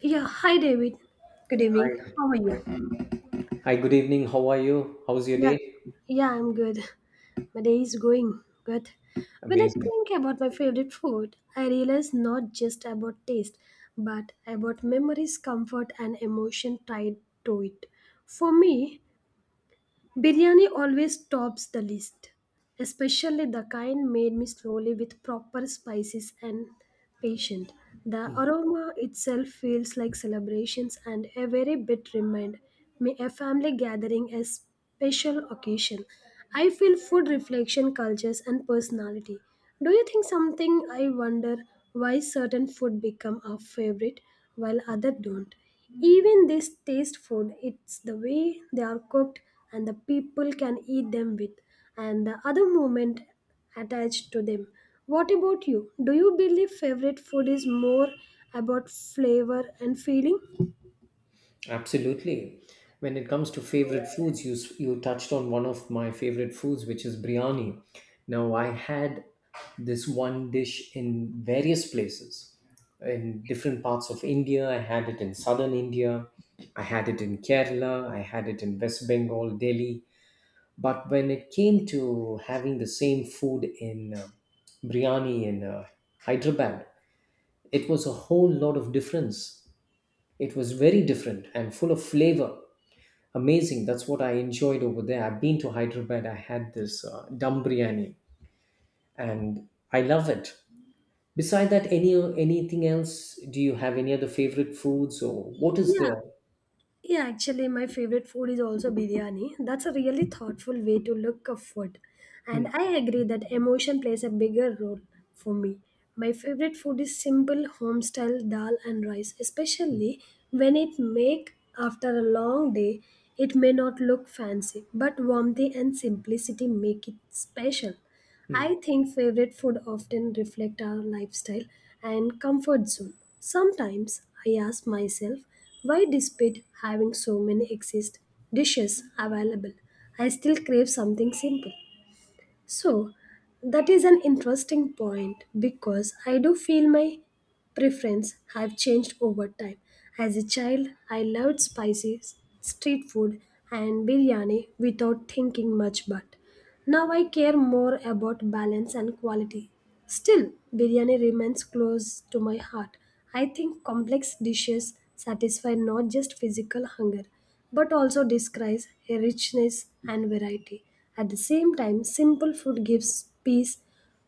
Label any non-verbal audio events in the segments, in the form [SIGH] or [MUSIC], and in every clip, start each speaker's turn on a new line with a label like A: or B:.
A: Yeah, hi David. Good
B: Hi.
A: evening. How are
B: Hi.
A: you?
B: Good evening. How are you? How's your
A: Yeah,
B: day?
A: yeah, I'm good. My day is going good. When I
B: Amazing.
A: think about my favorite food, I realize not just about taste, but about memories, comfort, and emotion tied to it. For me, biryani always tops the list. Especially the kind made me slowly with proper spices and patience. The
B: Mm,
A: aroma itself feels like celebrations and a very bit remind me a family gathering a special occasion. I feel food reflection cultures and personality. Do you think something I wonder why certain food become our favorite while other don't? Even this taste food, it's the way they are cooked and the people can eat them with and the other moment attached to them. What about you? Do you believe favorite food is more about flavor and feeling?
B: Absolutely. When it comes to favorite foods, you touched on one of my favorite foods, which is biryani. Now, I had this one dish in various places. In different parts of India, I had it in southern India, I had it in Kerala, I had it in West Bengal, Delhi. But when it came to having the same food in biryani in Hyderabad, it was a whole lot of difference. It was very different and full of flavor. Amazing. That's what I enjoyed over there. I've been to Hyderabad. I had this dum biryani, and I love it. Beside that, anything else? Do you have any other favorite foods, or what is
A: Yeah,
B: the?
A: Yeah, actually, my favorite food is also biryani. That's a really thoughtful way to look at food. And
B: Mm,
A: I agree that emotion plays a bigger role for me. My favorite food is simple home style dal and rice,
B: mm,
A: especially when it make after a long day. It may not look fancy, but warmth and simplicity make it special. I
B: mm.
A: think favorite food often reflect our lifestyle and comfort zone. Sometimes I ask myself why despite having so many exist dishes available, I still crave something simple. So that is an interesting point because I do feel my preference have changed over time. As a child, I loved spicy street food and biryani without thinking much but now I care more about balance and quality. Still, biryani remains close to my heart. I think complex dishes satisfy not just physical hunger but also describe a richness and variety. At the same time, simple food gives peace.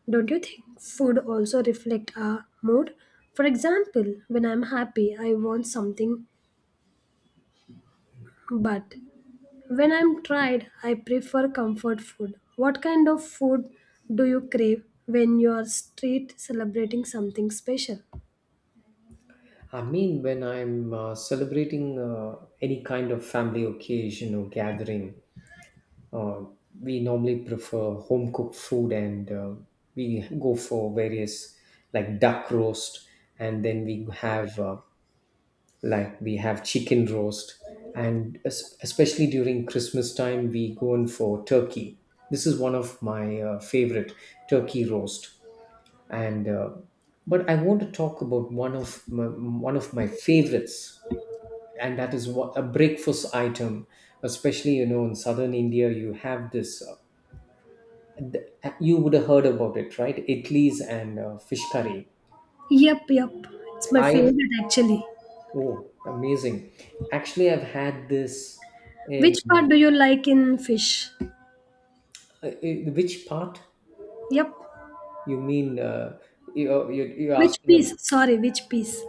A: Don't you think food also reflect our mood? For example, when I'm happy, I want something but when I'm tired, I prefer comfort food. What kind of food do you crave when you are street celebrating something special?
B: I mean, when I'm celebrating any kind of family occasion or gathering, Uh, we normally prefer home cooked food, and we go for various, like duck roast, and then we have like we have chicken roast, and especially during Christmas time we go in for turkey. This is one of my favorite turkey roast. And uh, but i want to talk about one of my favorites, and that is what a breakfast item. Especially, you know, in southern India you have this you would have heard about it, right? Idlis and fish curry.
A: Yep. It's my
B: I've
A: favorite actually.
B: Oh, amazing. Actually, I've had this in
A: Which part do you like in fish?
B: uh, uh, which part?
A: Yep.
B: You mean you you're
A: Which
B: asking?
A: piece? Sorry, which piece?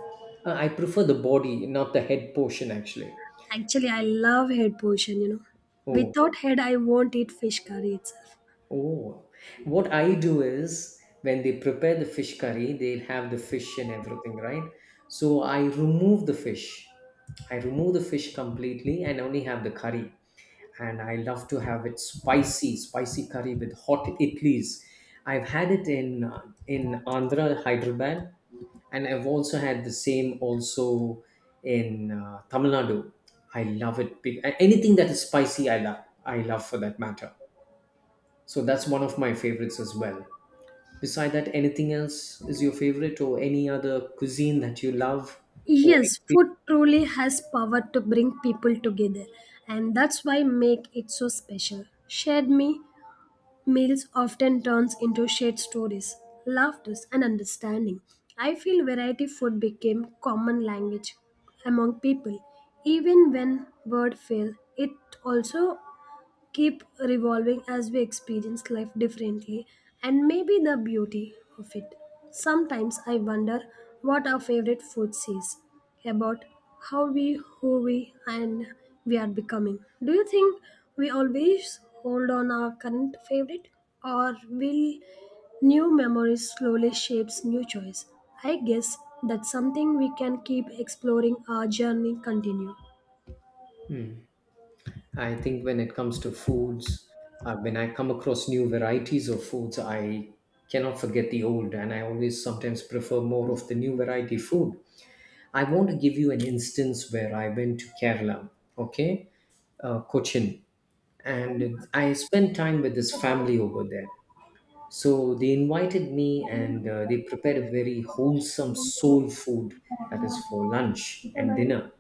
B: I prefer the body, not the head portion, actually.
A: Actually, I love head portion, you know.
B: Oh,
A: Without head, I won't eat fish curry itself.
B: oh. What I do is when they prepare the fish curry, they'll have the fish and everything, right? So I remove the fish. I remove the fish completely and only have the curry, and I love to have it spicy, spicy curry with hot idlis. I've had it in Andhra, Hyderabad, and I've also had the same also in Tamil Nadu. I love it. Anything that is spicy, I love. I love, for that matter. So that's one of my favorites as well. Beside that, anything else is your favorite, or any other cuisine that you love or
A: Yes,
B: experience?
A: food truly has power to bring people together, and that's why make it so special. Shared me Meals often turns into shared stories, laughters, and understanding. I feel variety food became common language among people. Even when word fail, it also keep revolving as we experience life differently and maybe the beauty of it. Sometimes I wonder what our favorite food says about how we, who we, and we are becoming. Do you think we always hold on our current favorite, or will new memories slowly shapes new choice? I guess that's something we can keep exploring. Our journey continue.
B: Hmm. I think when it comes to foods, when I come across new varieties of foods, I cannot forget the old, and I always sometimes prefer more of the new variety food. I want to give you an instance where I went to Kerala, okay, Cochin, and I spent time with this family over there. So they invited me, and they prepared a very wholesome soul food, that is for lunch and dinner,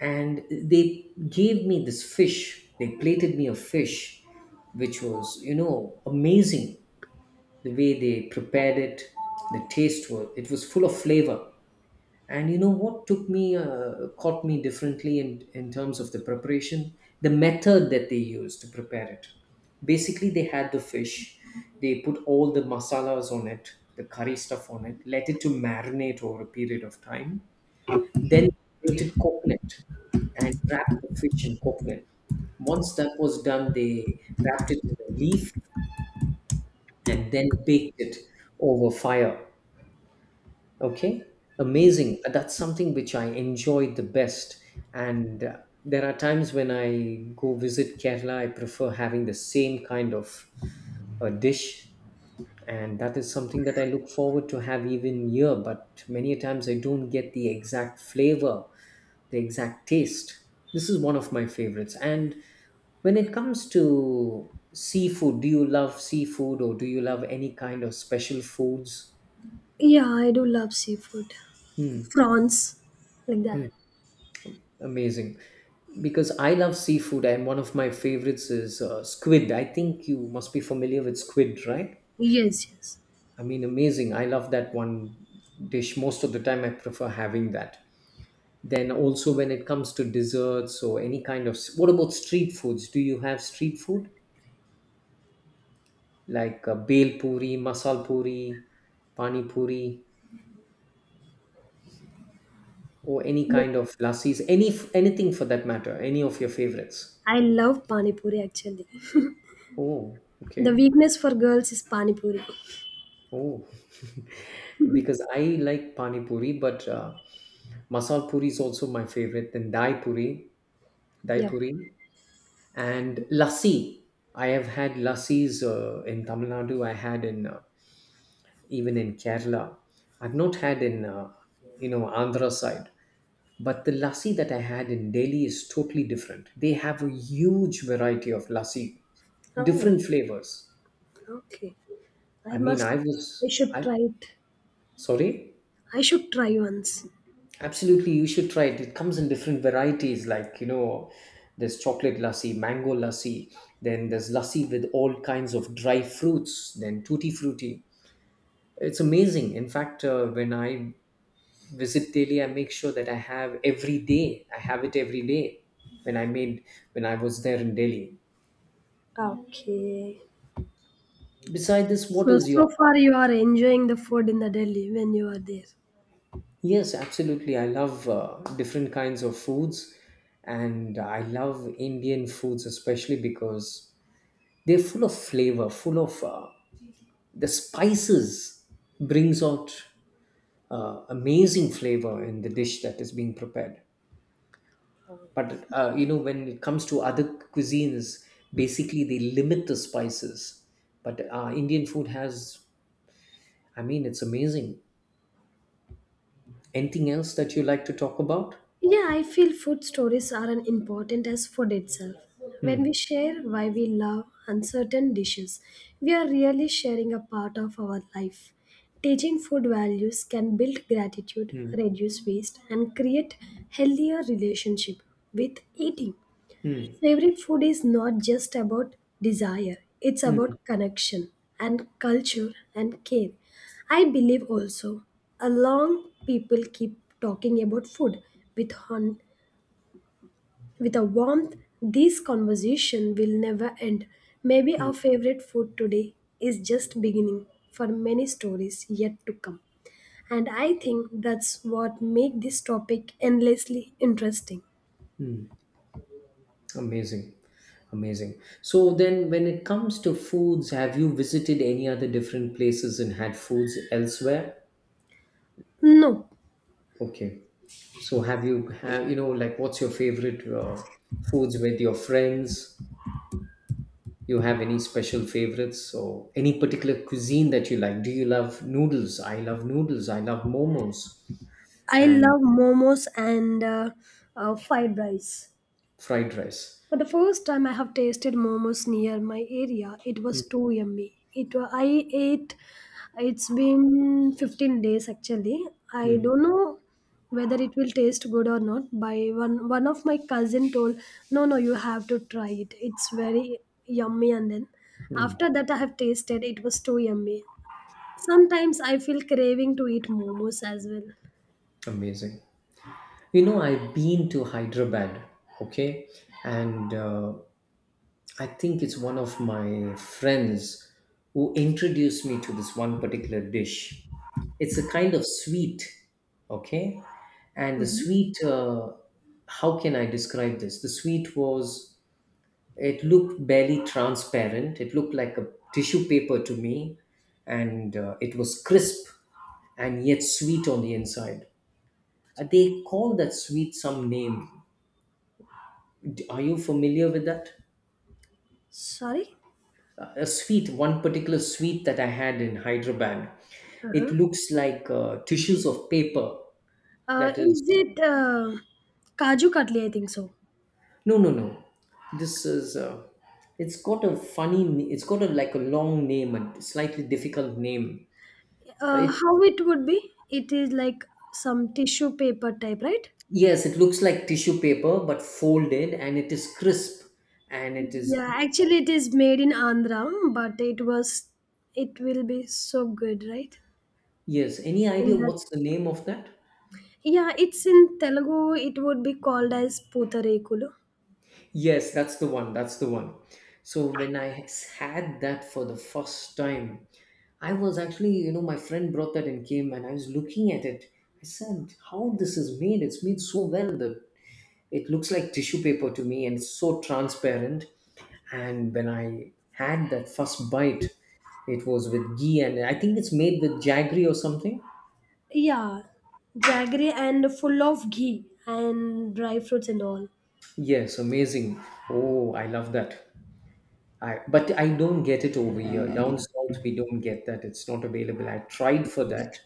B: and they gave me this fish. They plated me a fish which was, you know, amazing. The way they prepared it, the taste was, it was full of flavor. And you know what took me caught me differently, in terms of the preparation, the method that they used to prepare it. Basically they had the fish, they put all the masalas on it, the curry stuff on it, let it to marinate over a period of time. Then they grated coconut and wrapped the fish in coconut. Once that was done, they wrapped it in a leaf and then baked it over fire. Okay, amazing. That's something which I enjoyed the best. And there are times when I go visit Kerala, I prefer having the same kind of a dish. And that is something that I look forward to have even here, but many a times I don't get the exact flavor, the exact taste. This is one of my favorites. And when it comes to seafood, do you love seafood, or do you love any kind of special foods?
A: Yeah, I do love seafood.
B: Hmm.
A: Prawns, like
B: Hmm.
A: that.
B: Amazing. Because I love seafood, and one of my favorites is squid. I think you must be familiar with squid, right?
A: Yes, yes.
B: I mean, amazing. I love that one dish. Most of the time, I prefer having that. Then also when it comes to desserts or any kind of, what about street foods? Do you have street food? Like bel puri, masal puri, pani puri, or any
A: Yeah.
B: kind of lassis, anything for that matter, any of your favorites.
A: I love pani puri actually.
B: Oh,
A: The
B: okay.
A: weakness for girls is pani puri.
B: Oh, [LAUGHS] because I like pani puri, but masal puri is also my favorite. Then dai
A: Yep.
B: puri, and lassi. I have had lassis in Tamil Nadu. I had in even in Kerala. I've not had in you know, Andhra side. But the lassi that I had in Delhi is totally different. They have a huge variety of lassi,
A: Oh,
B: different flavors.
A: okay. I
B: I mean,
A: must,
B: I
A: I
B: was,
A: should
B: I
A: try it.
B: Sorry,
A: I should try once.
B: absolutely, you should try it. It comes in different varieties, like, you know, there's chocolate lassi, mango lassi, then there's lassi with all kinds of dry fruits, then tutti frutti. It's amazing. In fact, when I visit Delhi, I make sure that I have every day. I have it every day. When I made when I was there in Delhi,
A: Okay.
B: beside this, what
A: So,
B: is your?
A: so far you are enjoying the food in the Delhi when you are there.
B: Yes, absolutely. I love different kinds of foods, and I love Indian foods especially because they're full of flavor, full of the spices. Brings out amazing flavor in the dish that is being prepared. But you know, when it comes to other cuisines, basically they limit the spices. But Indian food has, I mean, it's amazing. Anything else that you like to talk about?
A: Yeah, I feel food stories are as important as food itself. When we
B: Hmm.
A: share why we love uncertain dishes, we are really sharing a part of our life. Teaching food values can build gratitude,
B: hmm.
A: reduce waste, and create healthier relationship with eating.
B: Hmm.
A: Favorite food is not just about desire, it's
B: mm,
A: about connection and culture and care. I believe also, along people keep talking about food with, hon- with a warmth, this conversation will never end. Maybe our
B: mm.
A: favorite food today is just beginning for many stories yet to come. And I think that's what makes this topic endlessly interesting.
B: Amazing. Amazing. So then when it comes to foods, have you visited any other different places and had foods elsewhere?
A: No,
B: Okay. So have you know, like, what's your favorite foods with your friends? You have any special favorites or any particular cuisine that you like? Do you love noodles? I love noodles. I love momos
A: I
B: and
A: love momos and fried rice.
B: fried rice.
A: But the first time I have tasted momos near my area, it was
B: Mm,
A: too yummy. I ate. It's been 15 days actually. I
B: mm,
A: don't know whether it will taste good or not. By one of my cousin told, no, no, you have to try it. It's very yummy. And then
B: mm.
A: after that, I have tasted. It was too yummy. Sometimes I feel craving to eat momos as well.
B: Amazing. You know, I've been to Hyderabad, okay, and I think it's one of my friends who introduced me to this one particular dish. It's a kind of sweet, okay, and the sweet, how can I describe this? The sweet was, it looked barely transparent, it looked like a tissue paper to me, and it was crisp and yet sweet on the inside. They call that sweet some name. Are you familiar with that?
A: Sorry.
B: A sweet, one particular sweet that I had in Hyderabad. It
A: Uh-huh.
B: looks like tissues of paper. That is,
A: Is it Kaju Katli? I think so.
B: no, no, no. This is. It's got a funny. It's got a like a long name and slightly difficult name. It
A: How it would be? It is like some tissue paper type, right?
B: Yes, it looks like tissue paper but folded, and it is crisp, and it is
A: Yeah, actually, it is made in Andhra, it will be so good, right?
B: yes. Any
A: In
B: idea
A: that,
B: what's the name of that?
A: yeah, it's in Telugu. It would be called as Putarekulu.
B: Yes, that's the one. That's the one. So when I had that for the first time, I was actually, you know, my friend brought that and came and I was looking at it. I said, how this is made? It's made so well that it looks like tissue paper to me and it's so transparent. And when I had that first bite, it was with ghee and I think it's made with jaggery or something.
A: Yeah, jaggery and full of ghee and dry fruits and all.
B: Yes, amazing. Oh, I love that. But I don't get it over here. Down south, we don't get that. It's not available. I tried for that.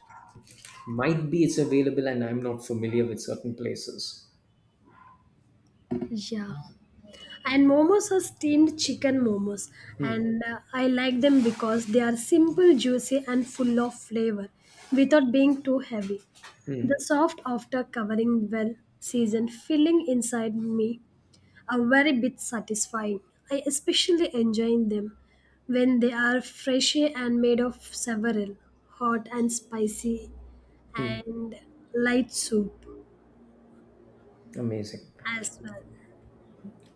B: Might be it's available, and I'm not familiar with certain places.
A: Yeah. And momos are steamed chicken momos
B: Hmm,
A: and I like them because they are simple juicy and full of flavor without being too heavy
B: hmm,
A: the soft after covering well seasoned filling inside me are very bit satisfying I especially enjoy them when they are fresh and made of several hot and spicy
B: hmm.
A: and light soup
B: Amazing.
A: as well.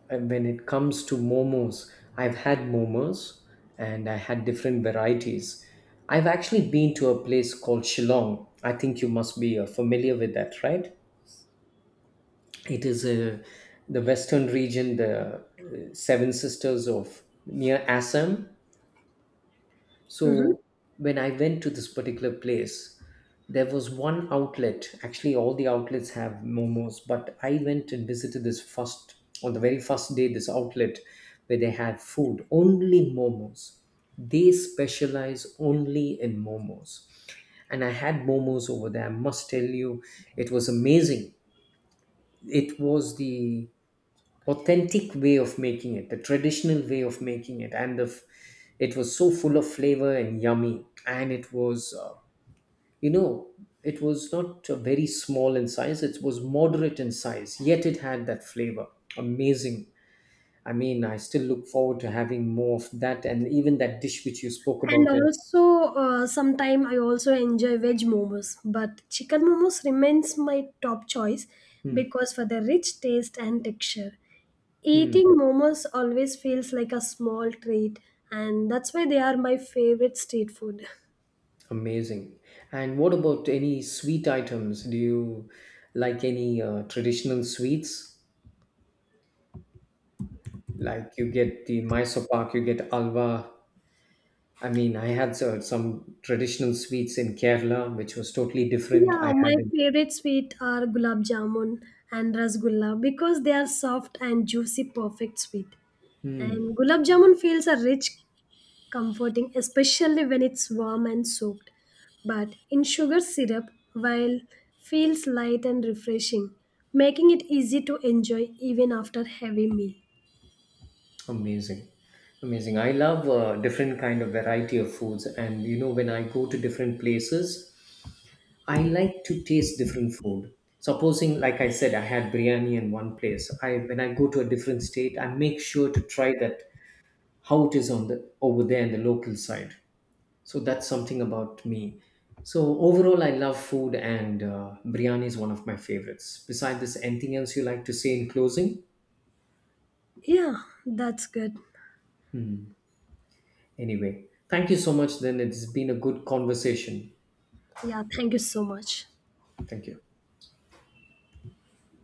B: And when it comes to momos, I've had momos and I had different varieties. I've actually been to a place called Shillong. I think you must be familiar with that, right? It is a, the western region, the Seven Sisters of near Assam.
A: Mhm.
B: So when I went to this particular place, there was one outlet. Actually, all the outlets have momos, but I went and visited this first on the very first day. This outlet where they had food only momos. They specialize only in momos, and I had momos over there. I must tell you, it was amazing. It was the authentic way of making it, the traditional way of making it, and it was so full of flavor and yummy. And it was, you know, it was not very small in size. It was moderate in size, yet it had that flavor. Amazing. I mean, I still look forward to having more of that, and even that dish which you spoke
A: And
B: about. In
A: also, sometime I also enjoy veg momos, but chicken momos remains my top choice
B: Hmm.
A: because for the rich taste and texture.
B: Hmm.
A: Eating momos always feels like a small treat, and that's why they are my favorite street food.
B: Amazing. And what about any sweet items? Do you like any traditional sweets? Like you get the Mysore Pak, you get Alva. I mean, I had some traditional sweets in Kerala, which was totally different.
A: Yeah,
B: I
A: my
B: had it.
A: favorite sweet are gulab jamun and rasgulla because they are soft and juicy, perfect sweet.
B: Hmm,
A: And gulab jamun feels a rich comforting, especially when it's warm and soaked. But in sugar syrup, while feels light and refreshing, making it easy to enjoy even after heavy meal.
B: amazing, amazing. I love different kind of variety of foods, and you know, when I go to different places, I like to taste different food. Supposing, like I said, I had biryani in one place. I When I go to a different state, I make sure to try that, how it is on the over there in the local side. So that's something about me. So overall I love food, and biryani is one of my favorites. Besides this, anything else you like to say in closing?
A: Yeah, that's good.
B: Anyway, thank you so much then. It's been a good conversation.
A: Yeah, thank you so much.
B: Thank you.